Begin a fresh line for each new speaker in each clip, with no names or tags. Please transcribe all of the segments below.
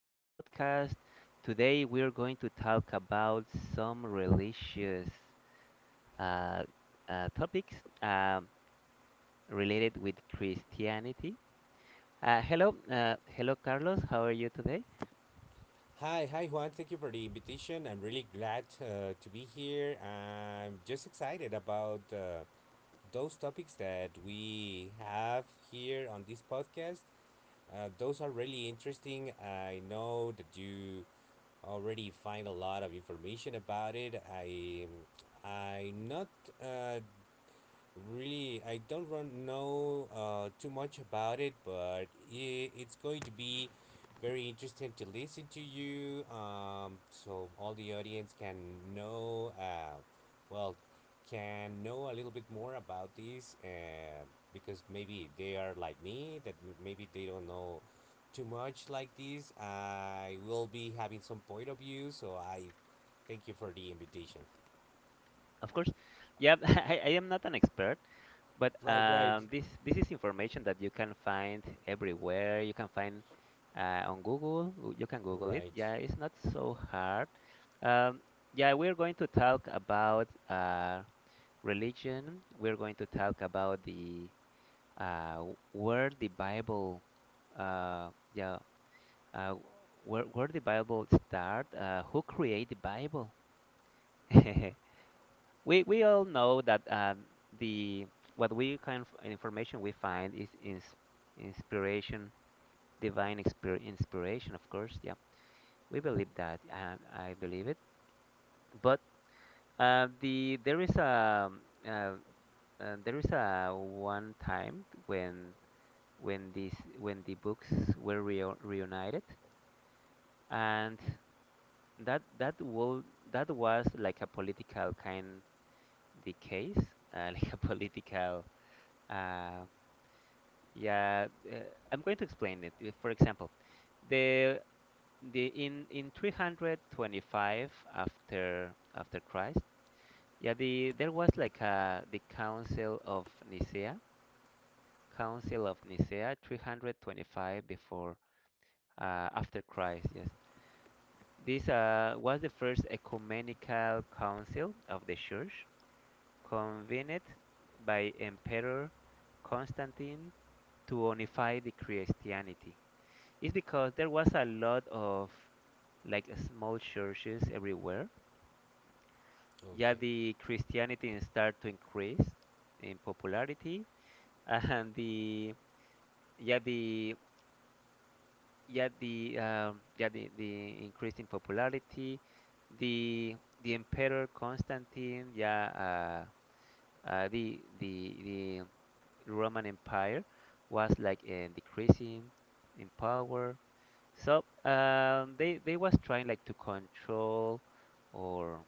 to the podcast. Today we are going to talk about some religious uh, topics um, related with Christianity. Hello, Carlos. How are you today?
Hi Juan. Thank you for the invitation. I'm really glad to be here. I'm just excited about those topics that we have here on this podcast. Those are really interesting. I know that you already find a lot of information about it. I I'm not uh, Really, I don't know too much about it, but I it's going to be very interesting to listen to you, so all the audience can know, uh, well, can know a little bit more about this, because maybe they are like me, that maybe they don't know too much like this. I will be having some point of view, so I thank you for the invitation.
Of course, yeah, I am not an expert, but
Right, right.
this is information that you can find everywhere. You can find on Google. You can Google it.
Right.
Yeah, it's not so hard. Um, yeah, we're going to talk about religion. We're going to talk about the uh, where the Bible, uh, yeah, uh, where the Bible start, who create the Bible. We all know that the what we kind of information we find is inspiration, divine expir inspiration, of course. Yeah, we believe that. I believe it, but uh, the there is a um, uh, there is a one time when these when the books were reunited, and that that will that was like a political kind the case, like a political uh, yeah. I'm going to explain it. For example, the the in 325 after Christ. Yeah, there was like a the Council of Nicaea, 325 before after Christ, yes. This was the first ecumenical council of the Church, convened by Emperor Constantine to unify the Christianity. It's because there was a lot of like small churches everywhere. Yeah,
Okay.
the Christianity started to increase in popularity, and the yeah the yeah the yeah the increase in popularity, the emperor Constantine. Yeah, the Roman Empire was like decreasing in power, so they was trying like to control or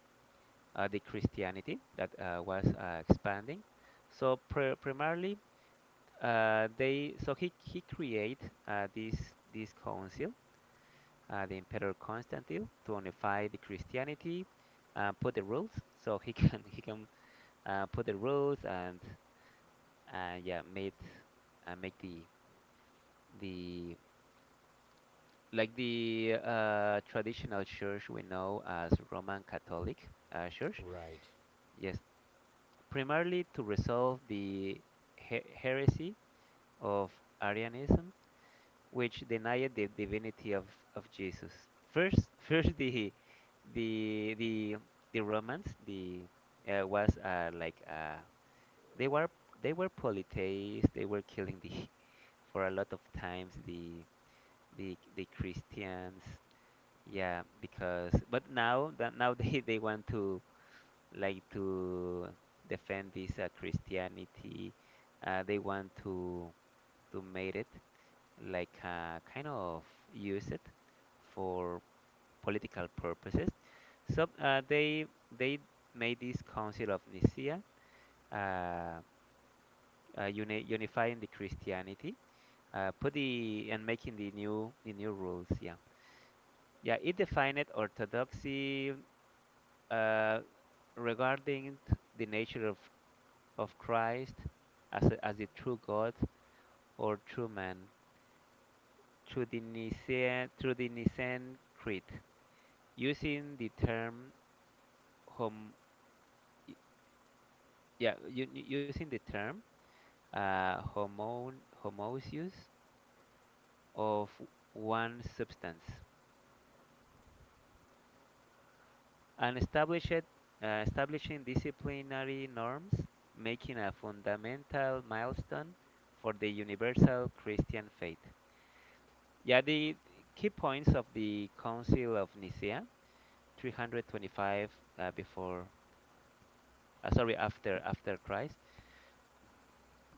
the Christianity that was expanding, so primarily they so he create this this council, the Emperor Constantine, to unify the Christianity and put the rules. So he can put the rules and yeah made make the the like the traditional church we know as Roman Catholic Church.
Right.
Yes, primarily to resolve the heresy of Arianism, which denied the divinity of Jesus. First, first the the the the Romans, the was like they were they were polytheists. They were killing the for a lot of times the Christians. Yeah, because but now that now they want to like to defend this Christianity. They want to made it like kind of use it for political purposes. So they made this Council of Nicaea, uh, unifying the Christianity, put the and making the new rules. Yeah, yeah. It defined orthodoxy uh, regarding the nature of Christ as a, as the true God or true man through the Nicene Creed, using the term hom yeah u- u- using the term homon homoousius, of one substance, and establish establishing disciplinary norms, making a fundamental milestone for the universal Christian faith. Yeah, the key points of the Council of Nicaea, 325 uh, before, after Christ.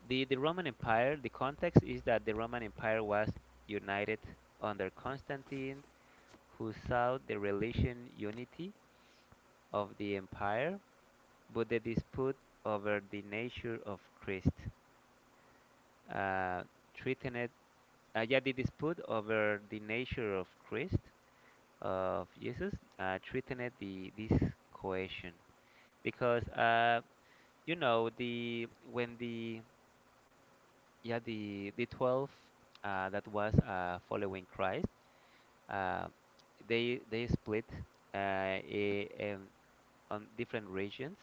The context is that the Roman Empire was united under Constantine, who sought the religious unity of the empire, but the dispute over the nature of Christ uh, threatened. Yeah, the dispute over the nature of Christ, of Jesus, threatened the this cohesion, because you know the when the yeah the twelve that was following Christ. Uh, they they split uh, i- um, on different regions.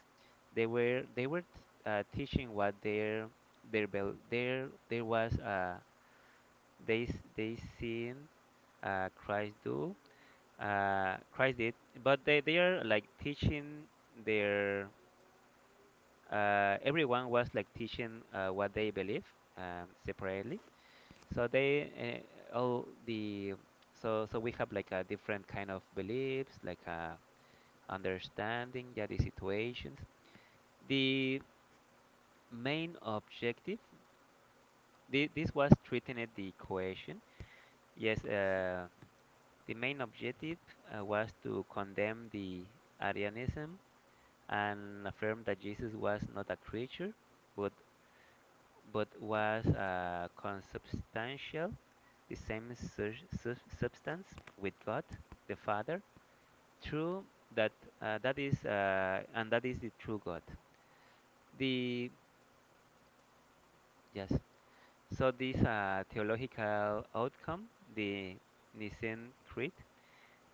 They were teaching what their bel there there was they seen Christ do Christ did, but they are like teaching their everyone was like teaching what they believe, separately, so they all the so so we have like a different kind of beliefs, like a understanding, yeah, the situations. The main objective, the, this was treating it the equation. Yes, the main objective was to condemn the Arianism and affirm that Jesus was not a creature, but was consubstantial, the same substance with God the Father, true that that is the true God. The yes. So this theological outcome, the Nicene Creed,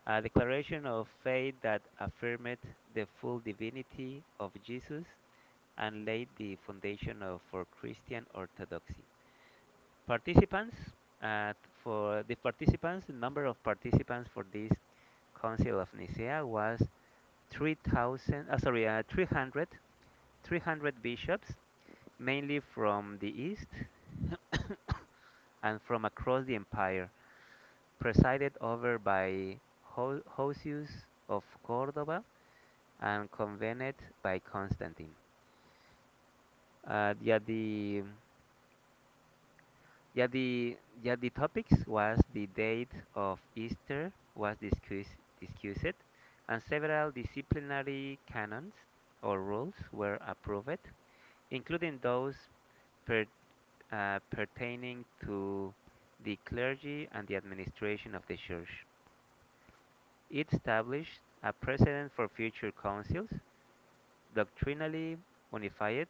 a declaration of faith that affirmed the full divinity of Jesus and laid the foundation of for Christian orthodoxy. Participants uh, for the participants, the number of participants for this Council of Nicaea was 300 bishops, mainly from the east and from across the empire, presided over by Hosius of Cordova, and convened by Constantine. Uh, yeah, the the topics was the date of Easter was discussed, and several disciplinary canons or rules were approved, including those per, pertaining to the clergy and the administration of the church. It established a precedent for future councils, doctrinally unified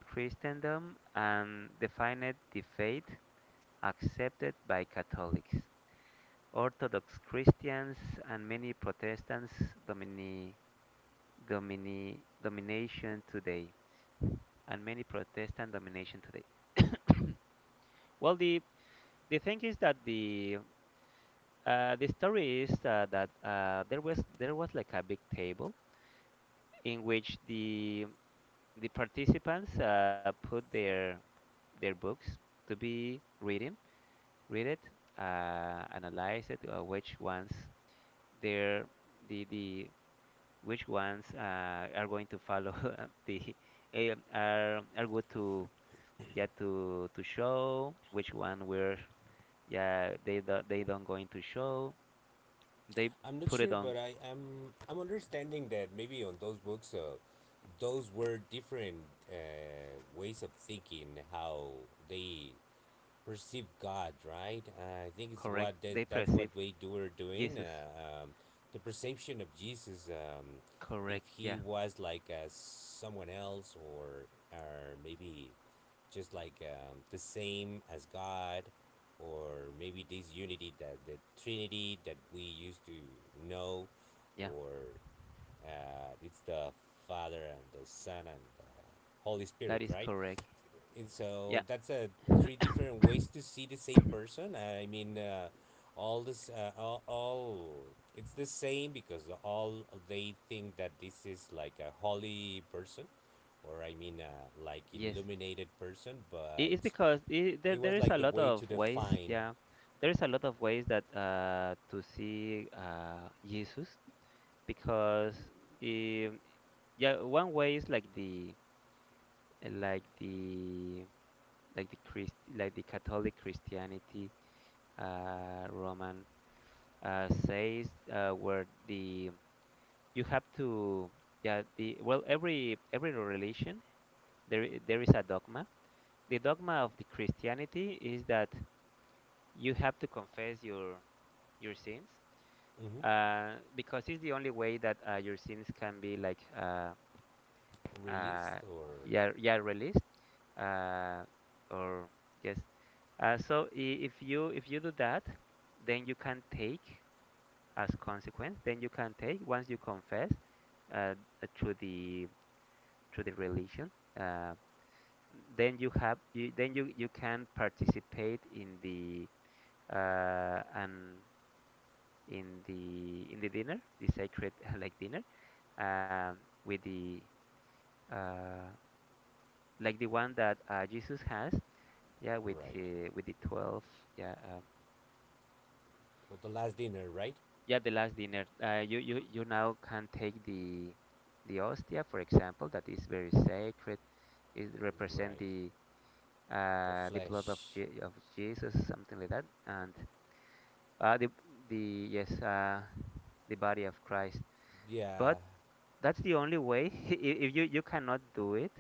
Christendom, and defined the faith accepted by Catholics, Orthodox Christians, and many Protestants domini, domination today, and many Protestant domination today. Well, the thing is that the the story is that there was like a big table in which the participants put their books to be reading, read it, analyze it, which ones their the which ones are going to follow the are good to yeah to show which one were yeah they don't going to show. They
I'm not
put it
sure,
on.
but I'm understanding that maybe on those books, those were different uh, ways of thinking how they perceive God, right? I think it's
Correct. They
that's what
perceive
we do are doing.
Jesus.
The perception of Jesus, if
Correct.
he
Yeah,
was like someone else, or maybe just like the same as God, or maybe this unity that the Trinity that we used to know,
yeah,
or it's the Father and the Son and the Holy
that
Spirit,
is
right?
correct.
And
Yeah.
so that's three different ways to see the same person. I mean, all this, all it's the same because all they think that this is like a holy person, or I mean, like
Yes,
illuminated person.
it is
But
because I there
it
there
was
is
like
a
the
lot
way to
of ways.
define.
Yeah, there is a lot of ways that to see Jesus, because um yeah one way is like the like the like the Christ, like the Catholic Christianity, Roman, says where the you have to yeah the well every religion there is a dogma. The dogma of the christianity is that you have to confess your sins,
Hmm.
because it's the only way that your sins can be like
Released
uh,
or
yeah, yeah, released, uh, or yes. uh, so i- if you do that, then you can take, as consequence, then you can take, once you confess uh, to the through the religion, uh, then you have you, then you can participate in the uh, and in the dinner, the sacred like dinner, um, with the uh, like the one that Jesus has, yeah,
right.
with the twelve, yeah,
Well, the last dinner, right?
yeah, the last dinner. You now can take the hostia, for example, that is very sacred. It represent
Right. The
the blood of
flesh.
Of Jesus, something like that, and uh, the the yes, uh, the body of Christ.
Yeah.
But that's the only way. I- If you cannot do it,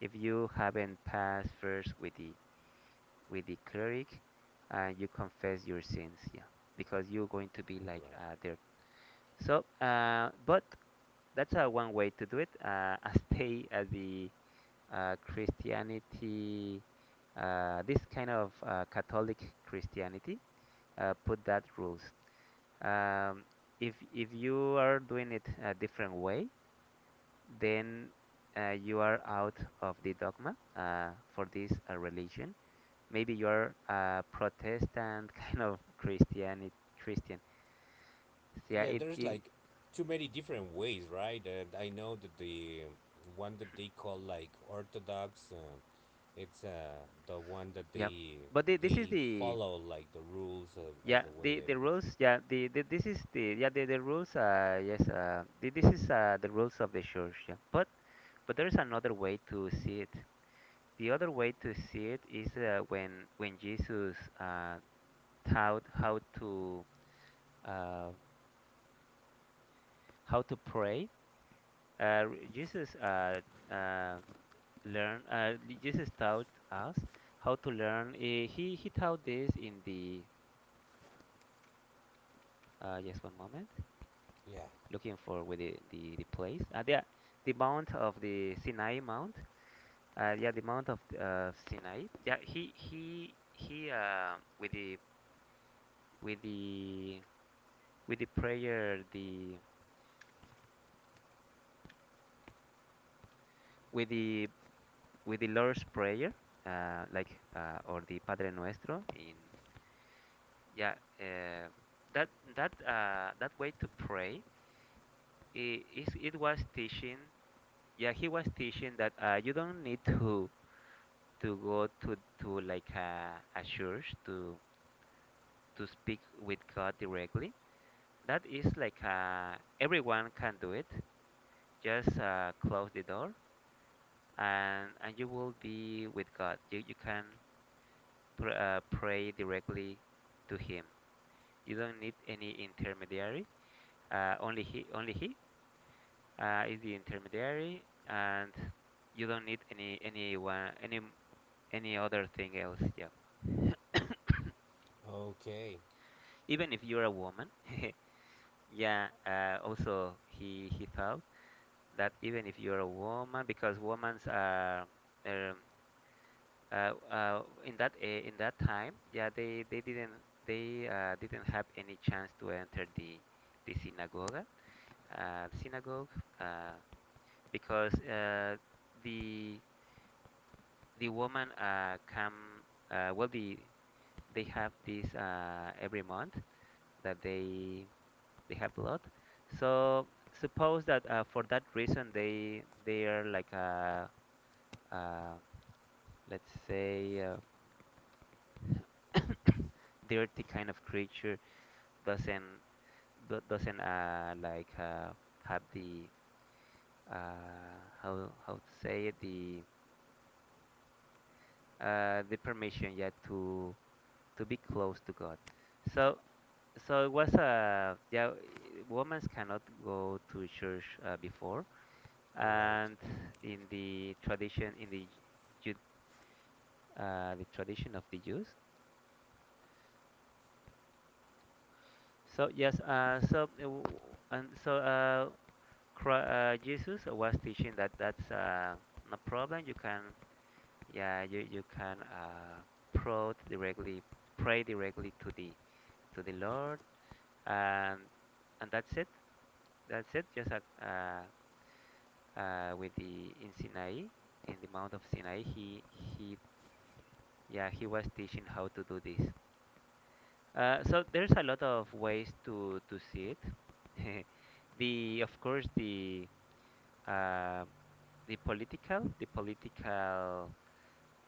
if you haven't passed first with the cleric, and you confess your sins, yeah, because you're going to be like
Right.
there. So, but that's one way to do it. Stay at the Christianity, this kind of Catholic Christianity put that rules. Um, if you are doing it a different way, then you are out of the dogma for this religion. Maybe you are a Protestant kind of Christianity Christian. So, yeah,
Yeah, there's
it
like too many different ways, right? And I know that the one that they call like orthodox, it's the one that
yeah.
they
But this is
they
the
follow like the rules of, as
yeah
the way it
the
is.
rules yeah the this is the yeah the rules, this is the rules of the church, yeah, but there is another way to see it. The other way to see it is when when Jesus taught uh, how to pray. Uh, r- Jesus uh, uh, Jesus taught us how to learn. He taught this in the just one moment.
Yeah.
Looking for with the place. The mount of the Sinai mount. Yeah, the mount of Sinai. Yeah, he with the with the prayer, the with the with the Lord's prayer, like or the Padre Nuestro in yeah uh, that that that way to pray, it was teaching, yeah he was teaching that you don't need to go to like a church to speak with God directly. That is like everyone can do it, just close the door and you will be with God. You can pray directly to Him. You don't need any intermediary. Only He, only He is the intermediary, and you don't need any anyone any other thing else. Yeah.
Okay.
Even if you're a woman, yeah. Also, he felt that even if you're a woman, because women's are um, in that time, yeah, they didn't, they didn't have any chance to enter the synagogue, uh, synagogue, uh, because the the woman come, well, they have this, every month that they have blood. So suppose that, for that reason they are like a, uh let's say, dirty kind of creature, doesn't, do- doesn't uh, like uh, have the, how to say it, the permission yet to be close to God. So so it was, yeah, women cannot go to church, before,
Right.
and in Ju- the tradition of the Jews. So yes, so w- and so Jesus was teaching that that's, no problem, you can. Yeah, you can, pray directly, pray directly to the Lord, and and that's it. That's it. Just like, with the in Sinai, in the Mount of Sinai, he yeah he was teaching how to do this. So there's a lot of ways to see it. The Of course, uh, the political,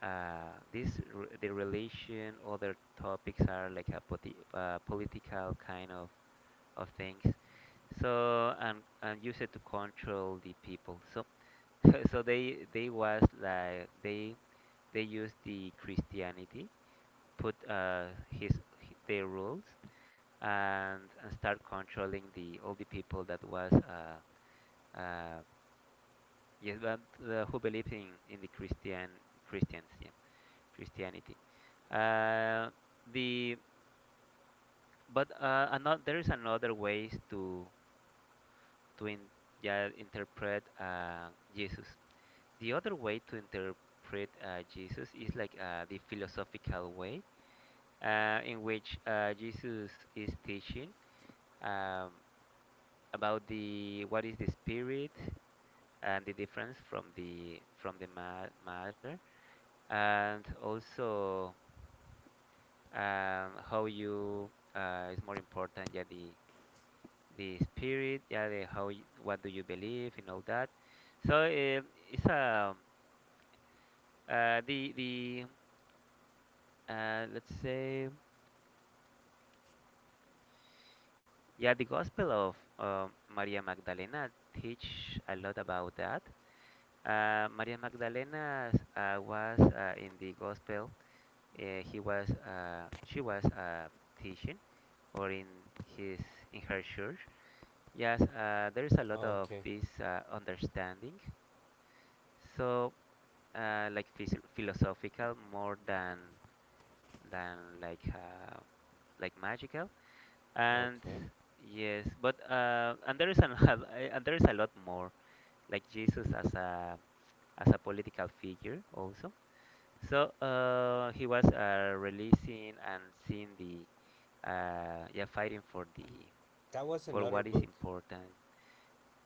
this re the relation, other topics are like a, poti political kind of things, so and use it to control the people, so. So they was like, they used the Christianity, put, their rules, and start controlling the all the people that was, uh yes, but, who believe in the Christians, yeah. Christianity. Uh, the But, another, there is another ways to to in, yeah, interpret, Jesus. The other way to interpret, Jesus, is like, the philosophical way, in which, Jesus is teaching, um, about the, what is the spirit, and the difference from matter, and also, how you, is more important, yeah, the spirit, yeah, the how, what do you believe and all that. So, it's a, the let's say, yeah, the Gospel of Maria Magdalena teach a lot about that. Maria Magdalena, was, in the Gospel. He was She was, teaching, or in his in her church. Yes, there is a lot of
Okay.
this, understanding. So. Like, philosophical, more than like, like magical, and
Okay.
yes, but, and there is an, and there is a lot more, like Jesus as a, political figure also, so, he was, releasing and seeing the, yeah, fighting for the,
That was
for
another
what is
book,
important.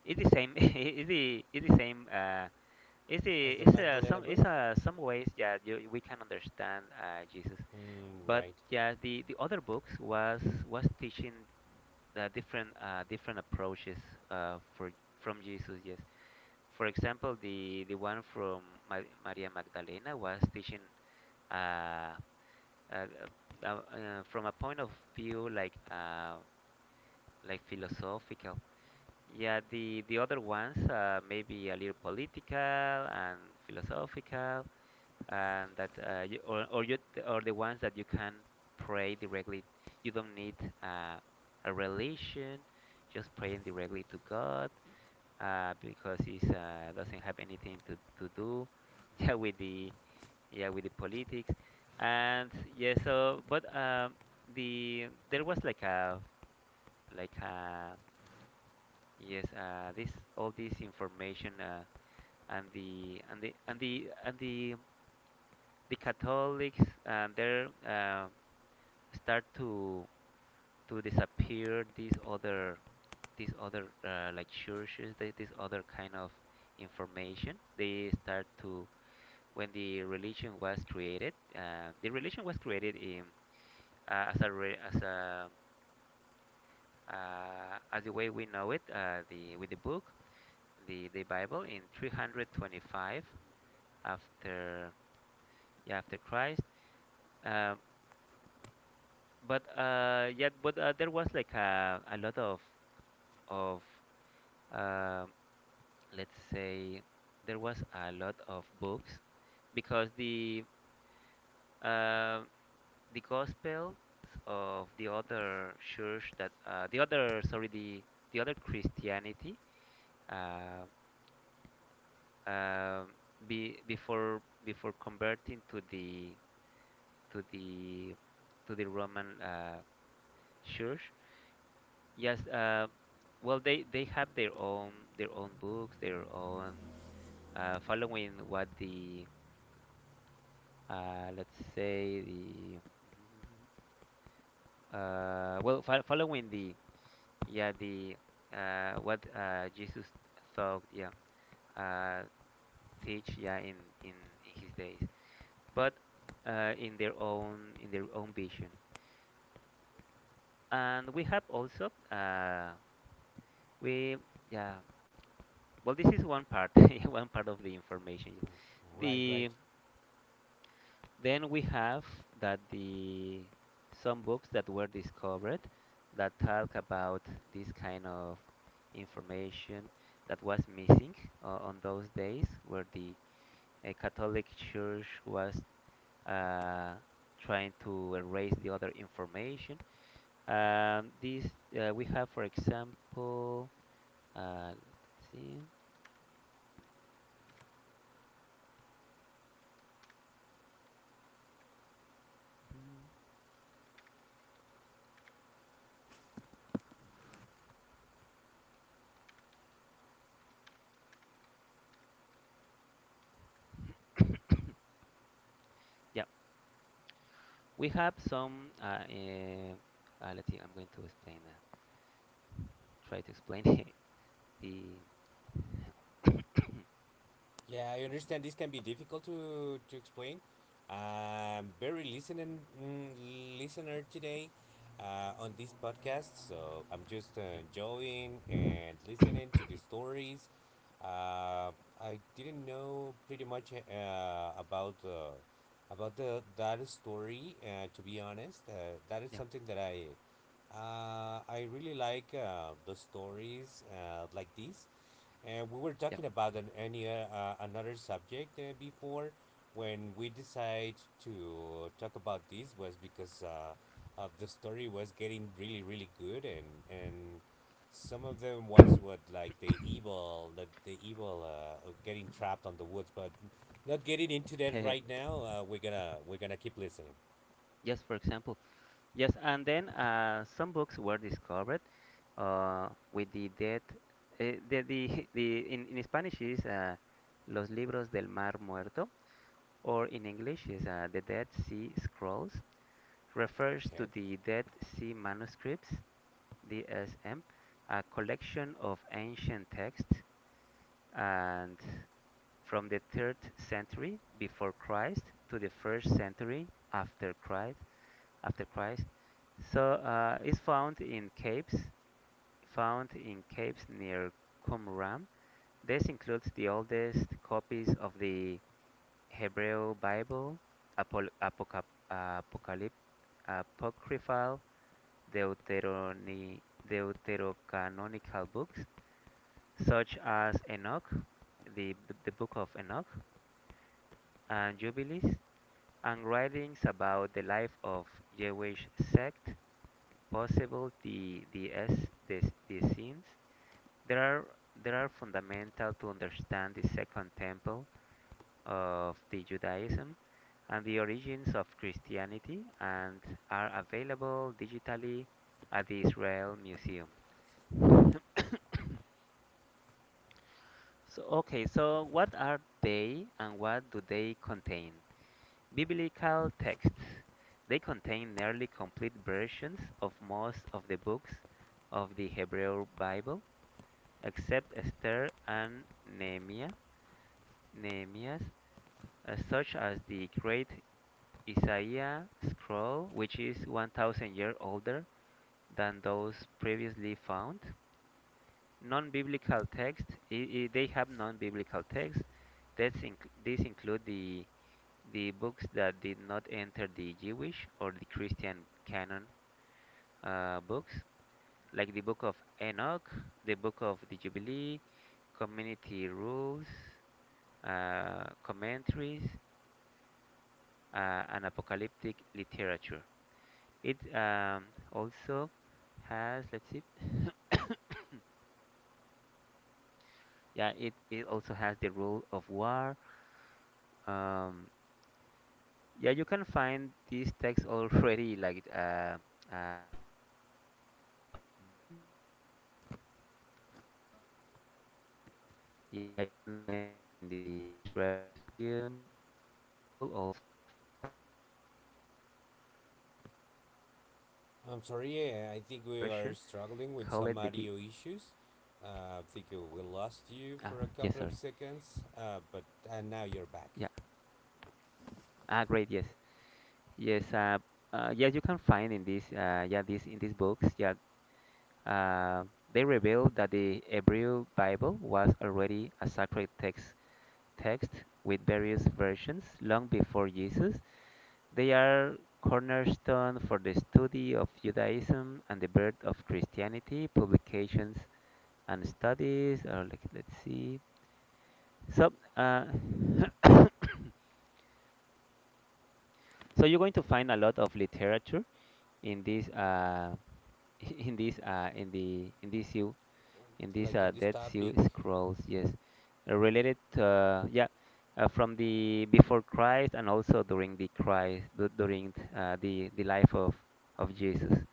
It's the same. It's the same, it's
as the
a,
Magdalena
it's
book.
a, some ways, yeah, you, we can understand, Jesus.
Mm,
But
right.
yeah, the other books was teaching the different, different approaches, for from Jesus. Yes, for example, the one from Ma Maria Magdalena was teaching, uh, uh, from a point of view, like, like philosophical. Yeah, the other ones, maybe a little political and philosophical, and that, you, or you, or the ones that you can pray directly. You don't need, uh, a religion, just praying directly to God, because it, doesn't have anything to, do. Yeah, with the, yeah, with the politics. And yeah, so but, there was like a, like a yes, this all this information, and the and the and the and the the Catholics, there start to disappear these other, like churches, this other kind of information, they start to. When the religion was created, the religion was created in as a, as a, as the way we know it, the with the book, the Bible in 325, after, yeah, after Christ. um, But, yeah, but, there was like a lot of, of uh, let's say, there was a lot of books, because uh, the gospels of the other church, that, the other Christianity, uh, um before, converting to the to the to the Roman, church. Yes, well, they have their own books, their own, following what the, let's say the, following the, yeah, the, what Jesus thought, yeah, uh, teach, yeah, in, in in his days, but, in their own vision, and we have also, we yeah. Well, this is one part, one part of the information. Yes.
Right. Right.
The then we have that the some books that were discovered, that talk about this kind of information, that was missing, on those days where the, Catholic Church was, uh, trying to erase the other information. This We have, for example, let's see. Mhm. We have some. Let's see. I'm going to explain. Try to explain the.
Yeah, I understand this can be difficult to explain. I'm very listening mm, Listener today on this podcast, so I'm just
Yeah.
enjoying and listening to the stories. Uh, I didn't know pretty much about the that story. To be honest, that is
Yep.
something that I really like the stories like this, and we were
Yep.
talking about an any another subject before, when we decided to talk about this, was because of the story was getting really good, and some of them was what, like the evil, the evil of getting trapped on the woods, but not getting into that right now, we're gonna keep listening.
Yes. For example. Yes. And then, some books were discovered, with the dead. In Spanish is, Los Libros del Mar Muerto, or in English is, The Dead Sea Scrolls, refers to
Okay.
the Dead Sea Manuscripts, DSM, a collection of ancient texts, and from the 3rd century before Christ to the 1st century after Christ after Christ, so, it's found in caves, near Qumran. This includes the oldest copies of the Hebrew Bible, Apol Apoca- Apocalypse apocryphal, Deuteroni, deuterocanonical books, such as Enoch, the book of Enoch and Jubilees, and writings about the life of Jewish sect, possible the scenes. There are there are fundamental to understand the Second Temple of the Judaism and the origins of Christianity, and are available digitally at the Israel Museum. So okay, so what are they and what do they contain? Biblical texts. They contain nearly complete versions of most of the books of the Hebrew Bible, except Esther and Nehemiah's, such as the Great Isaiah Scroll, which is 1,000 years older than those previously found. Non-biblical texts. They have non-biblical texts. These include the books that did not enter the Jewish or the Christian canon, books like the Book of Enoch, the Book of the Jubilee, Community Rules, Commentaries, and Apocalyptic Literature. It, also has, let's see, yeah, it also has the Rule of War. Um, yeah, you can find these texts already, like, translated, most of them. And also, yeah, you can find it in the Israel Museum, and Google also offer a digitalized, version. Call
I'm
it the
sorry,
D.
yeah, I think we are struggling with some audio issues.
Ah,
I think
yes, sorry.
we lost you for a couple of seconds, but
Yeah.
now you're back.
Ah, great. Yes. Yes. Yes, you can find in this, yeah, this in these books. Yeah. Uh, they reveal that the Hebrew Bible was already a sacred text with various versions long before Jesus. They are cornerstone for the study of Judaism and the birth of Christianity. Publications and studies are like, let's see. So, so you're going to find a lot of literature in this, in this in the in this you in this,
Like this
Dead Sea
topic,
Scrolls. Yes. Related. Yeah. From the before Christ, and also during the Christ, during, the life of Jesus.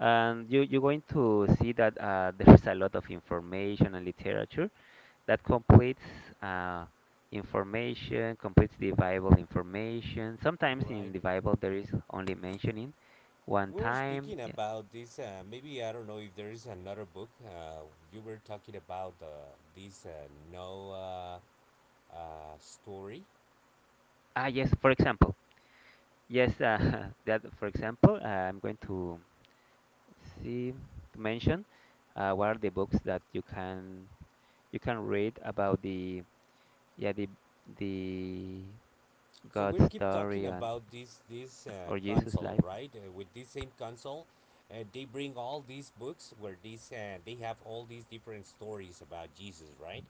And you, you're going to see that, there's a lot of information and literature that completes, uh, information, completes the Bible information. Sometimes in
right?
the Bible there is only mentioning one
We were
time.
speaking
Yeah.
about this. Maybe I don't know if there is another book. You were talking about this Noah uh, story.
Ah, yes, for example. Yes, that for example, I'm going to see to mention, what are the books that you can read about the, yeah, the
So
God
we keep
story,
talking
and
about this
or Jesus
console,
life.
right? With this same console, they bring all these books where these they have all these different stories about Jesus, right?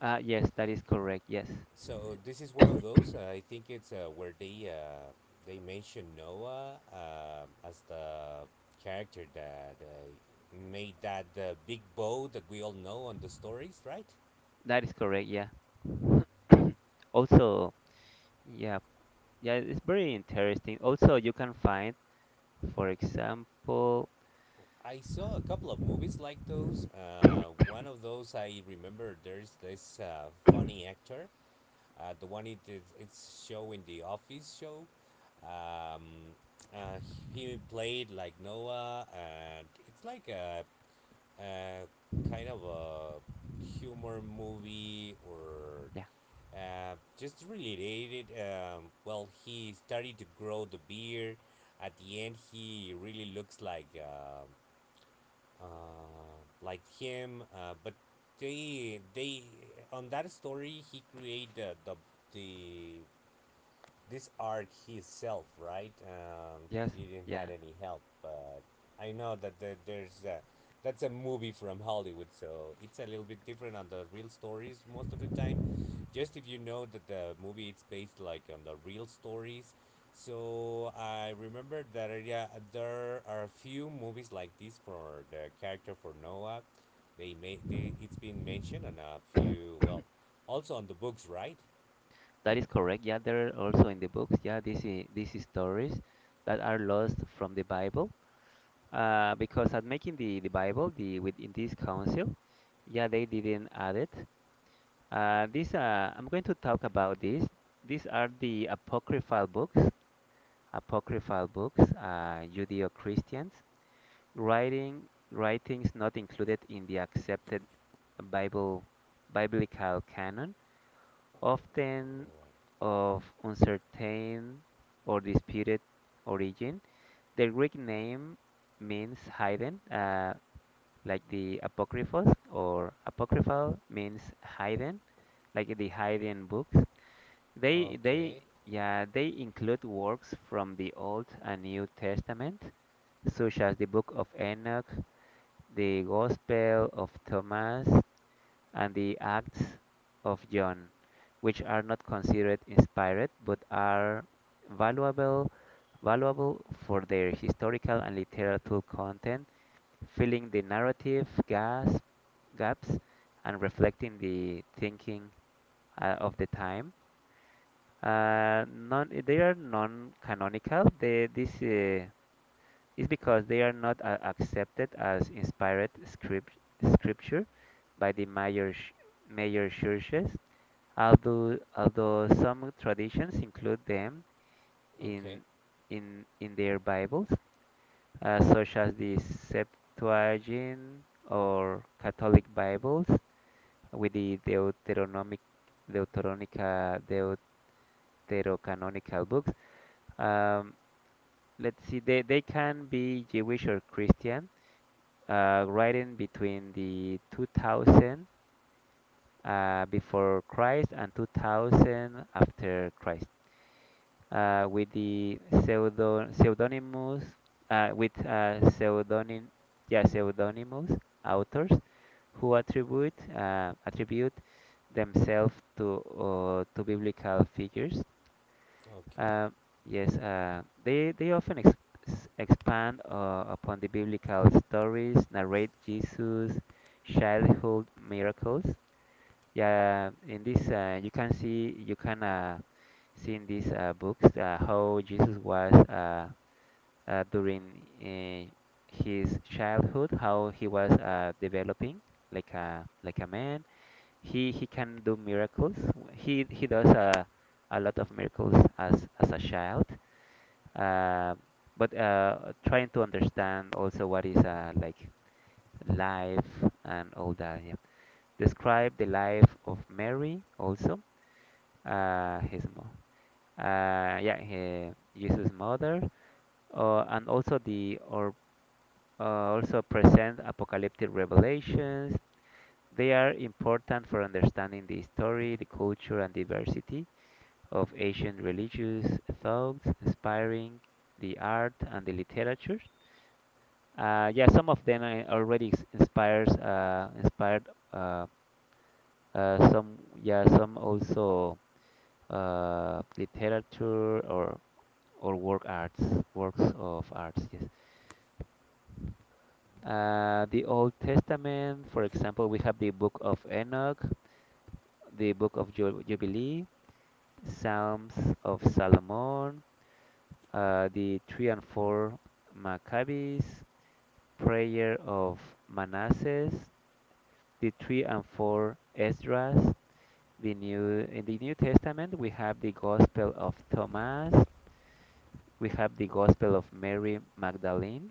Yes, that is correct. Yes,
So this is one of those. I think it's where they mention Noah as the character that made that big bow that we all know on the stories, right?
that is correct. Yeah. Also, yeah, yeah, it's very interesting. Also, you can find, for example,
I saw a couple of movies like those. One of those, I remember there's this funny actor. The one it's showing, the Office show. Um, uh, he played like Noah, and it's like a kind of a humor movie, or
yeah,
just related. Well, he started to grow the beard. At the end, he really looks like him. But they on that story he created the this arc himself, right?
yes,
He didn't
yeah,
had any help, but I know that there's that's a movie from Hollywood, so it's a little bit different on the real stories most of the time. Just if you know that the movie it's based like on the real stories. So I remember that yeah, there are a few movies like this for the character for Noah. It's been mentioned on a few, well, also on the books, right?
that is correct. Yeah, there are also in the books. Yeah, this is these is stories that are lost from the Bible. Because at making the Bible, the within this council, yeah, they didn't add it. These I'm going to talk about this. These are the apocryphal books, Judeo-Christians, writing writings not included in the accepted Bible biblical canon, often of uncertain or disputed origin. The Greek name means hidden, like the apocryphos or apocryphal means hidden, like the hidden books. They
Okay.
yeah, they include works from the Old and New Testament, such as the Book of Enoch, the Gospel of Thomas, and the Acts of John, which are not considered inspired but are valuable valuable for their historical and literary content, filling the narrative gaps and reflecting the thinking of the time. They are non-canonical. They, this is because they are not accepted as inspired scripture by the major churches, although some traditions include them
Okay,
in, in their Bibles, such as the Septuagint or Catholic Bibles with the Deuteronica, Deuterocanonical books. Um, let's see, they can be Jewish or Christian right in between the 2000 before Christ and 2000 after Christ, with the pseudonymous with pseudonym yeah pseudonymous authors who attribute themselves to biblical figures.
okay,
Uh, yes, they often expand upon the biblical stories, narrate Jesus' childhood miracles. Yeah, in this you can see in these books how Jesus was during uh, his childhood, how he was developing like a man. He can do miracles. He does a lot of miracles as a child, um, but trying to understand also what is like life and all that. Yeah. Describe the life of Mary also. His mo yeah, he, Jesus' mother, and also the or also present apocalyptic revelations. They are important for understanding the story, the culture, and diversity of Asian religious thoughts, inspiring the art and the literature. Yeah, some of them already s- inspires inspired uh, some also literature or work arts, works of arts, yes. The Old Testament, for example, we have the Book of Enoch, the Book of Jubilee, Psalms of Solomon, the three and four Maccabees, Prayer of Manasseh, the three and four Esdras. The new in the New Testament we have the Gospel of Thomas, we have the Gospel of Mary Magdalene,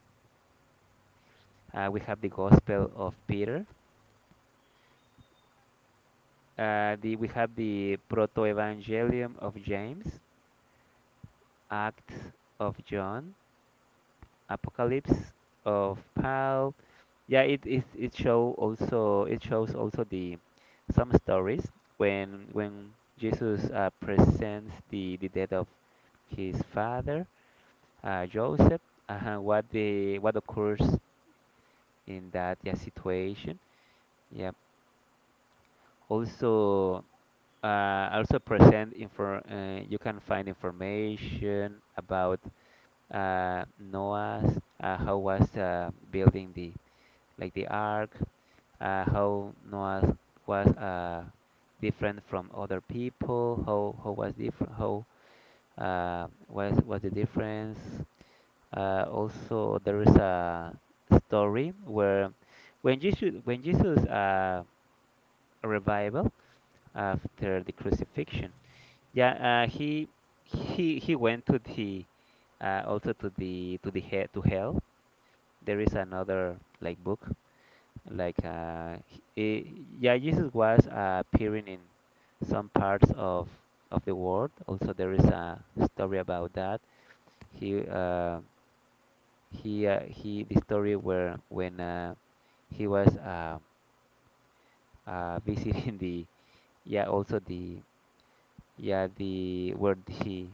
we have the Gospel of Peter, we have the Proto-Evangelium of James, Acts of John, Apocalypse of Paul. Yeah, it shows also the some stories when Jesus presents the death of his father Joseph, what occurs in that, yeah, situation. Yeah. Also, present infor you can find information about Noah's, how was building the like the ark, how Noah was different from other people, how was different, how was the difference. Also, there is a story where when Jesus revival after the crucifixion, yeah, he went to the, also to the he to hell. There is another like book like yeah, Jesus was appearing in some parts of the world. Also, there is a story about that. He uh, he The story where when he was visiting the yeah also the yeah the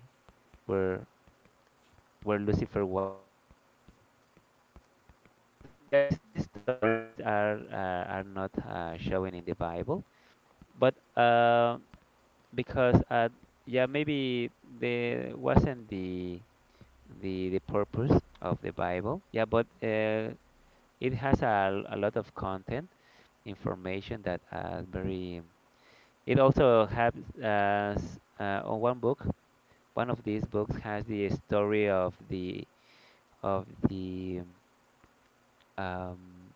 where where Lucifer was, yeah, all that. And yeah, these stories are not showing in the Bible, but because yeah, maybe there wasn't the purpose of the Bible, yeah, but it has a lot of content information that very. It also has on one book. One of these books has the story of the of the um,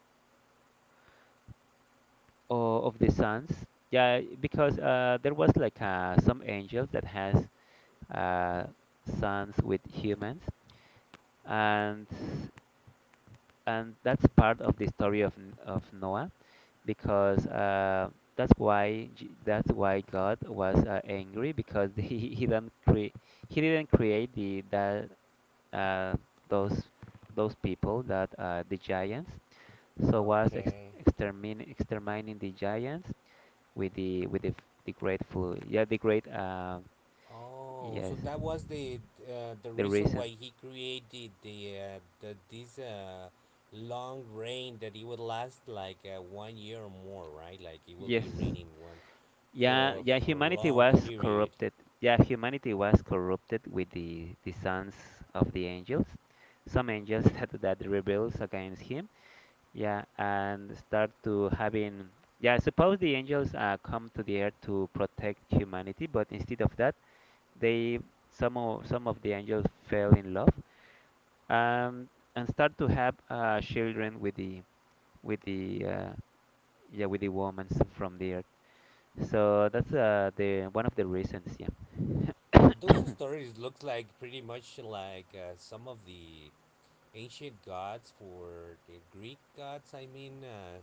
of the sons. Yeah, because there was like some angels that has uh, sons with humans, and that's part of the story of Noah because that's why God was angry because he didn't create the that, uh, those those people that, the giants, so was ex-
okay.
extermin exterminating the giants with the the great food, yeah, the great,
Oh,
yes,
so that was the
the
reason why
reason,
he created the this long rain that it would last like one year or more, right? Like it will
yes.
be raining one
Yeah,
for a
humanity
long
was
period.
corrupted. Yeah, humanity was corrupted with the sons of the angels. Some angels that rebels against him. Yeah, and start to having. Yeah, suppose the angels come to the earth to protect humanity, but instead of that, they, some of the angels fell in love, and start to have children with the with the uh, yeah, with the women from the earth. So that's the one of the reasons, yeah.
But those stories looks like pretty much like some of the ancient gods, for the Greek gods, I mean,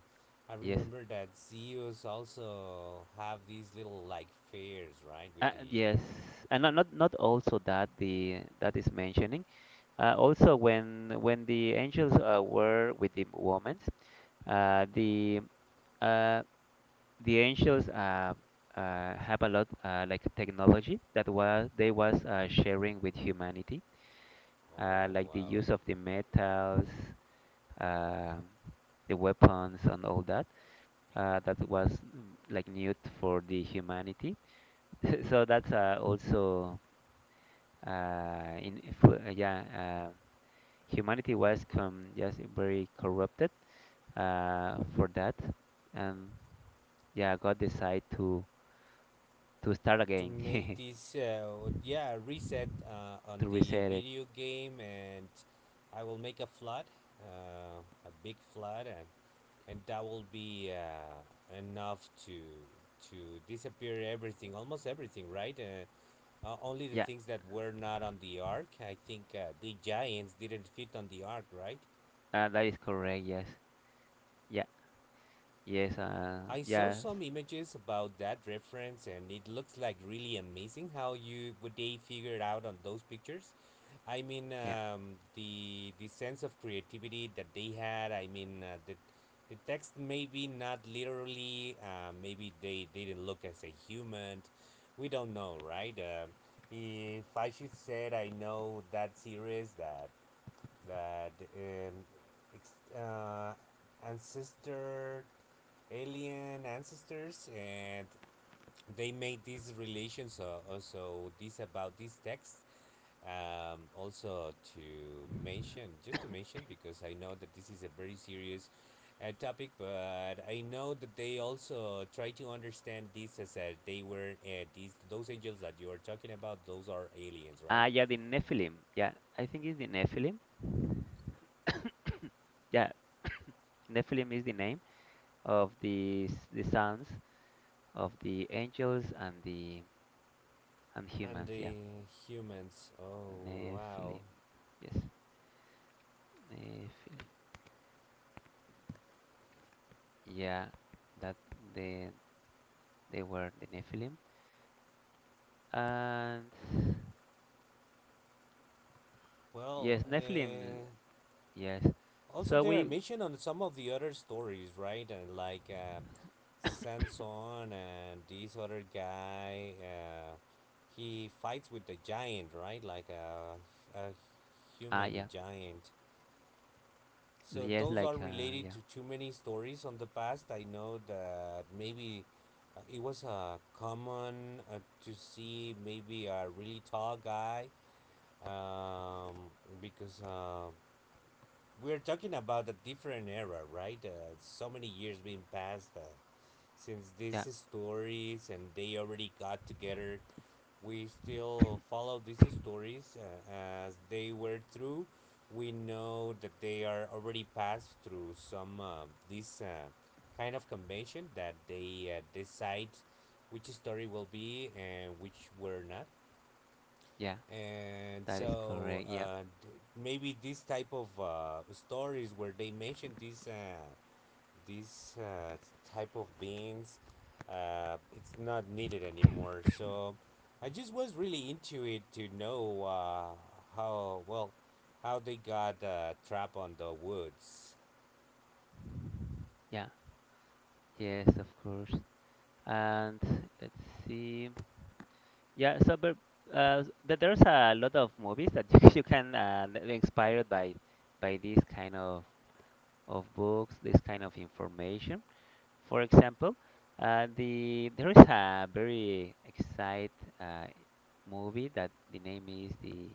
I
Yes.
remember that Zeus also have these little like fairs, right?
Uh,
With the,
yes, and not also that the that is mentioning. Also, when the angels were with the women, uh, the uh, the angels have a lot, like technology that was they was sharing with humanity,
oh
like the
wow,
use of the metals, um the weapons, and all that. That was like new for the humanity. So that's also in for, yeah, humanity was com just very corrupted for that, and yeah, God decided to start
to
again,
make this yeah reset on
to
the
reset it.
video game, and I will make a flood, uh, a big flood, and that will be enough to disappear everything, almost everything, right? Only the
Yeah,
things that were not on the ark. I think the Giants didn't fit on the ark, right?
that is correct. Yes, yeah, yes,
I saw
yes,
some images about that reference, and it looks like really amazing how you what they figured out on those pictures. I mean,
yeah.
the sense of creativity that they had. I mean, the text maybe not literally. Maybe they didn't look as a human. We don't know, right? If I should say, I know that series, that ex- ancestor alien ancestors, and they made these relations, also this, about this text, also to mention just to mention, because I know that this is a very serious topic, but I know that they also try to understand this as they were these those angels that you are talking about, those are aliens, right?
Yeah, the Nephilim. Yeah, I think it's the Nephilim. Yeah, Nephilim is the name of the sons of the angels and the and
And
humans. Yeah,
the humans. Oh wow.
Nephilim. Yes, Nephilim. Yeah, that they were the Nephilim. And
Well,
yes, Nephilim. Yes.
also
So
they are
we,
mentioned on some of the other stories, right? And like Sanson and this other guy, he fights with the giant, right? Like a
ah
human
yeah,
giant. So
yes
those
like,
are related
yeah,
to too many stories on the past. I know that maybe it was common to see maybe a really tall guy, um, because we're talking about a different era, right? So many years being passed since
yeah,
these stories, and they already got together. We still follow these stories as they were through. We know that they are already passed through some this kind of convention that they decide which story will be and which were not,
yeah,
and
that is
so
correct. Yeah
maybe this type of stories where they mention these type of beings, it's not needed anymore, so I just was really into it to know, how well how they got trapped on the woods.
yeah yes, of course. And let's see. Yeah. So but. Uh, there's a lot of movies that you can, that were inspired by these kind of books, this kind of information. For example, there is a very exciting uh, movie that the name is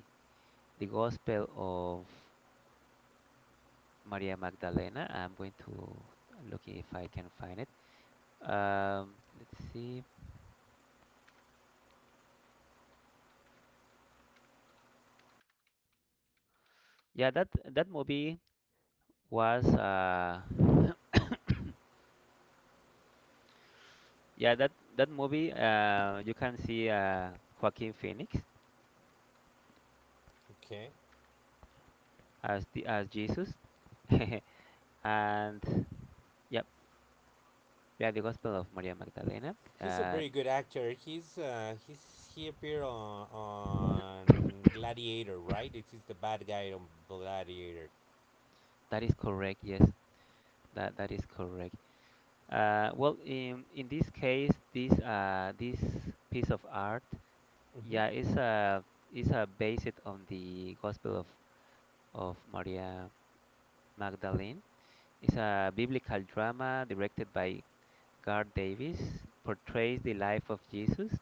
the Gospel of Maria Magdalena. I'm going to look if I can find it. Let's see. Yeah, that movie was yeah, that movie you can see Joaquin Phoenix
Okay.
as the as Jesus and. Yeah, yeah, the Gospel of Maria Magdalena.
He's a
Uh,
very good actor. He appeared on Gladiator, right? It is the bad guy on Gladiator.
that is correct. Yes, that is correct. Well, in this case, this piece of art,
Hmm.
yeah, is based on the Gospel of Maria Magdalene. It's a biblical drama directed by Garth Davis. Portrays the life of Jesus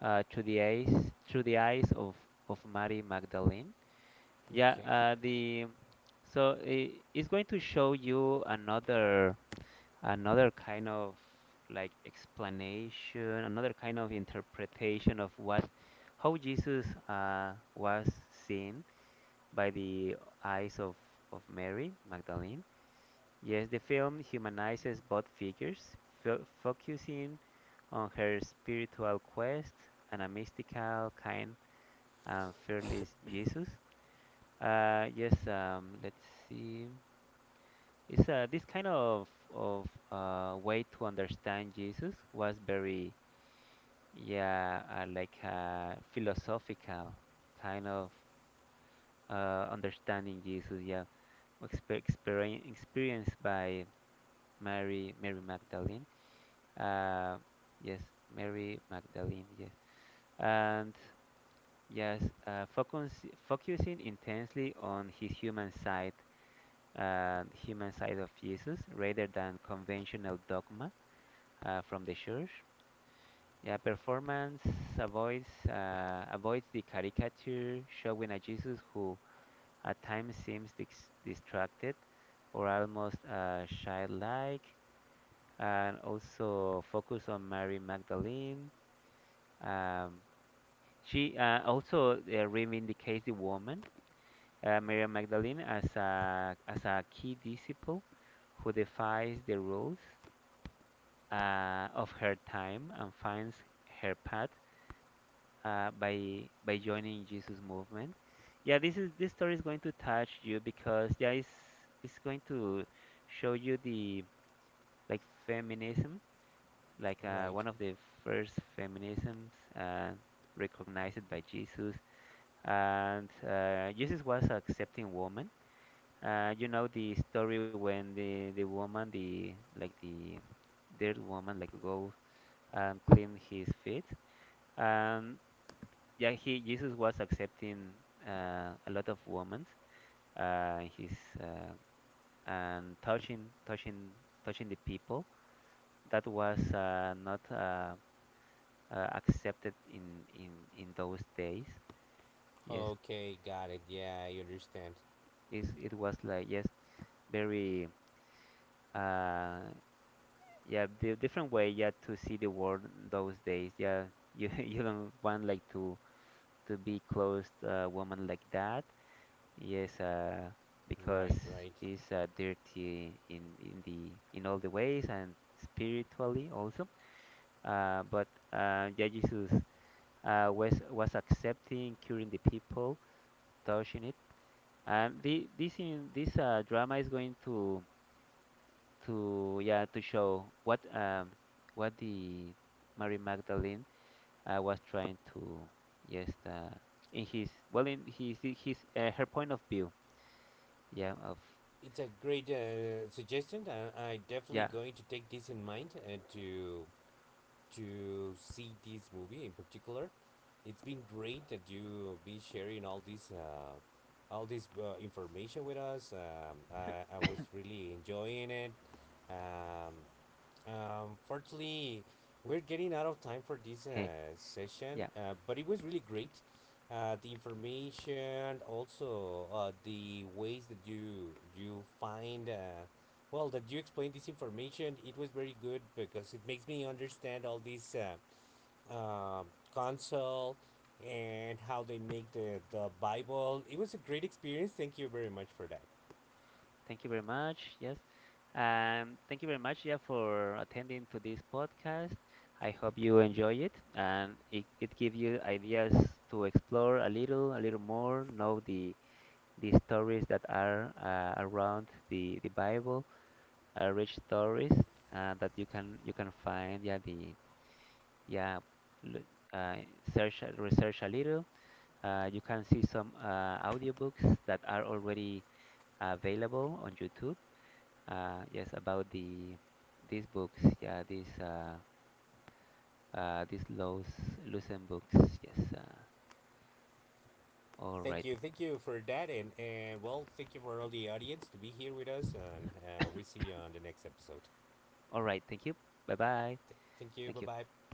uh, through the eyes through the eyes of Mary Magdalene. Yeah,
Okay.
the so I it's going to show you another kind of like explanation, another kind of interpretation of what, how Jesus was seen by the eyes of Mary Magdalene. Yes, the film humanizes both figures, fo focusing on her spiritual quest and a mystical, kind, and fearless Jesus. Yes, let's see. It's this kind of way to understand Jesus was very, yeah, like, philosophical kind of understanding Jesus. Yeah, experienced by Mary Magdalene. Uh, yes, Mary Magdalene. Yes, and yes, focusing intensely on his human side and human side of Jesus rather than conventional dogma from the church. Yeah, performance avoids the caricature showing a Jesus who at times seems distracted or almost childlike, and also focus on Mary Magdalene. Um, she also reivindicates the woman, Mary Magdalene, as a key disciple who defies the rules of her time and finds her path by joining Jesus movement. Yeah, this story is going to touch you because yeah, it's going to show you the like feminism, like,
Right.
one of the first feminisms uh, recognized by Jesus, and Jesus was accepting woman. You know the story when the woman, the like the third woman, like go and clean his feet. Um, yeah, he Jesus was accepting a lot of women, his uh, and touching the people. That was not accepted in those days. Yes,
Okay, got it. Yeah, I understand.
it was like, yes, very, uh, yeah, the different way, yeah, to see the world in those days. Yeah, you you don't want like to be close woman like that. Yes, because
Right, right.
it's dirty in the in all the ways and spiritually also. But Yeah, Jesus was accepting, curing the people, touching it, and the, this in this drama is going to yeah to show what the Mary Magdalene was trying to, yes, in his well in his her point of view, yeah, of
It's a great suggestion. I definitely
yeah.
going to take this in mind to see this movie in particular. It's been great that you be sharing all this information with us. I was really enjoying it. Um, Fortunately, we're getting out of time for this session,
Yeah,
but it was really great. The information, also the ways that you find, well, that you explain this information, it was very good because it makes me understand all these uh, console and how they make the Bible. It was a great experience. Thank you very much for that.
thank you very much. Yes. Thank you very much, yeah, for attending to this podcast. I hope you enjoy it and it gives you ideas to explore a little more, know the stories that are around the Bible, rich stories that you can find, yeah, the yeah, l- uh, search research a little. You can see some audiobooks that are already available on YouTube. Yes, about these books. Yeah, these Lowe's Lucent books. Yes. All
Thank
right.
you, thank you for that, and well, thank you for all the audience to be here with us, and we see you on the next episode.
All right. Thank you. Bye bye.
Thank you,
Thank
bye
you.
bye.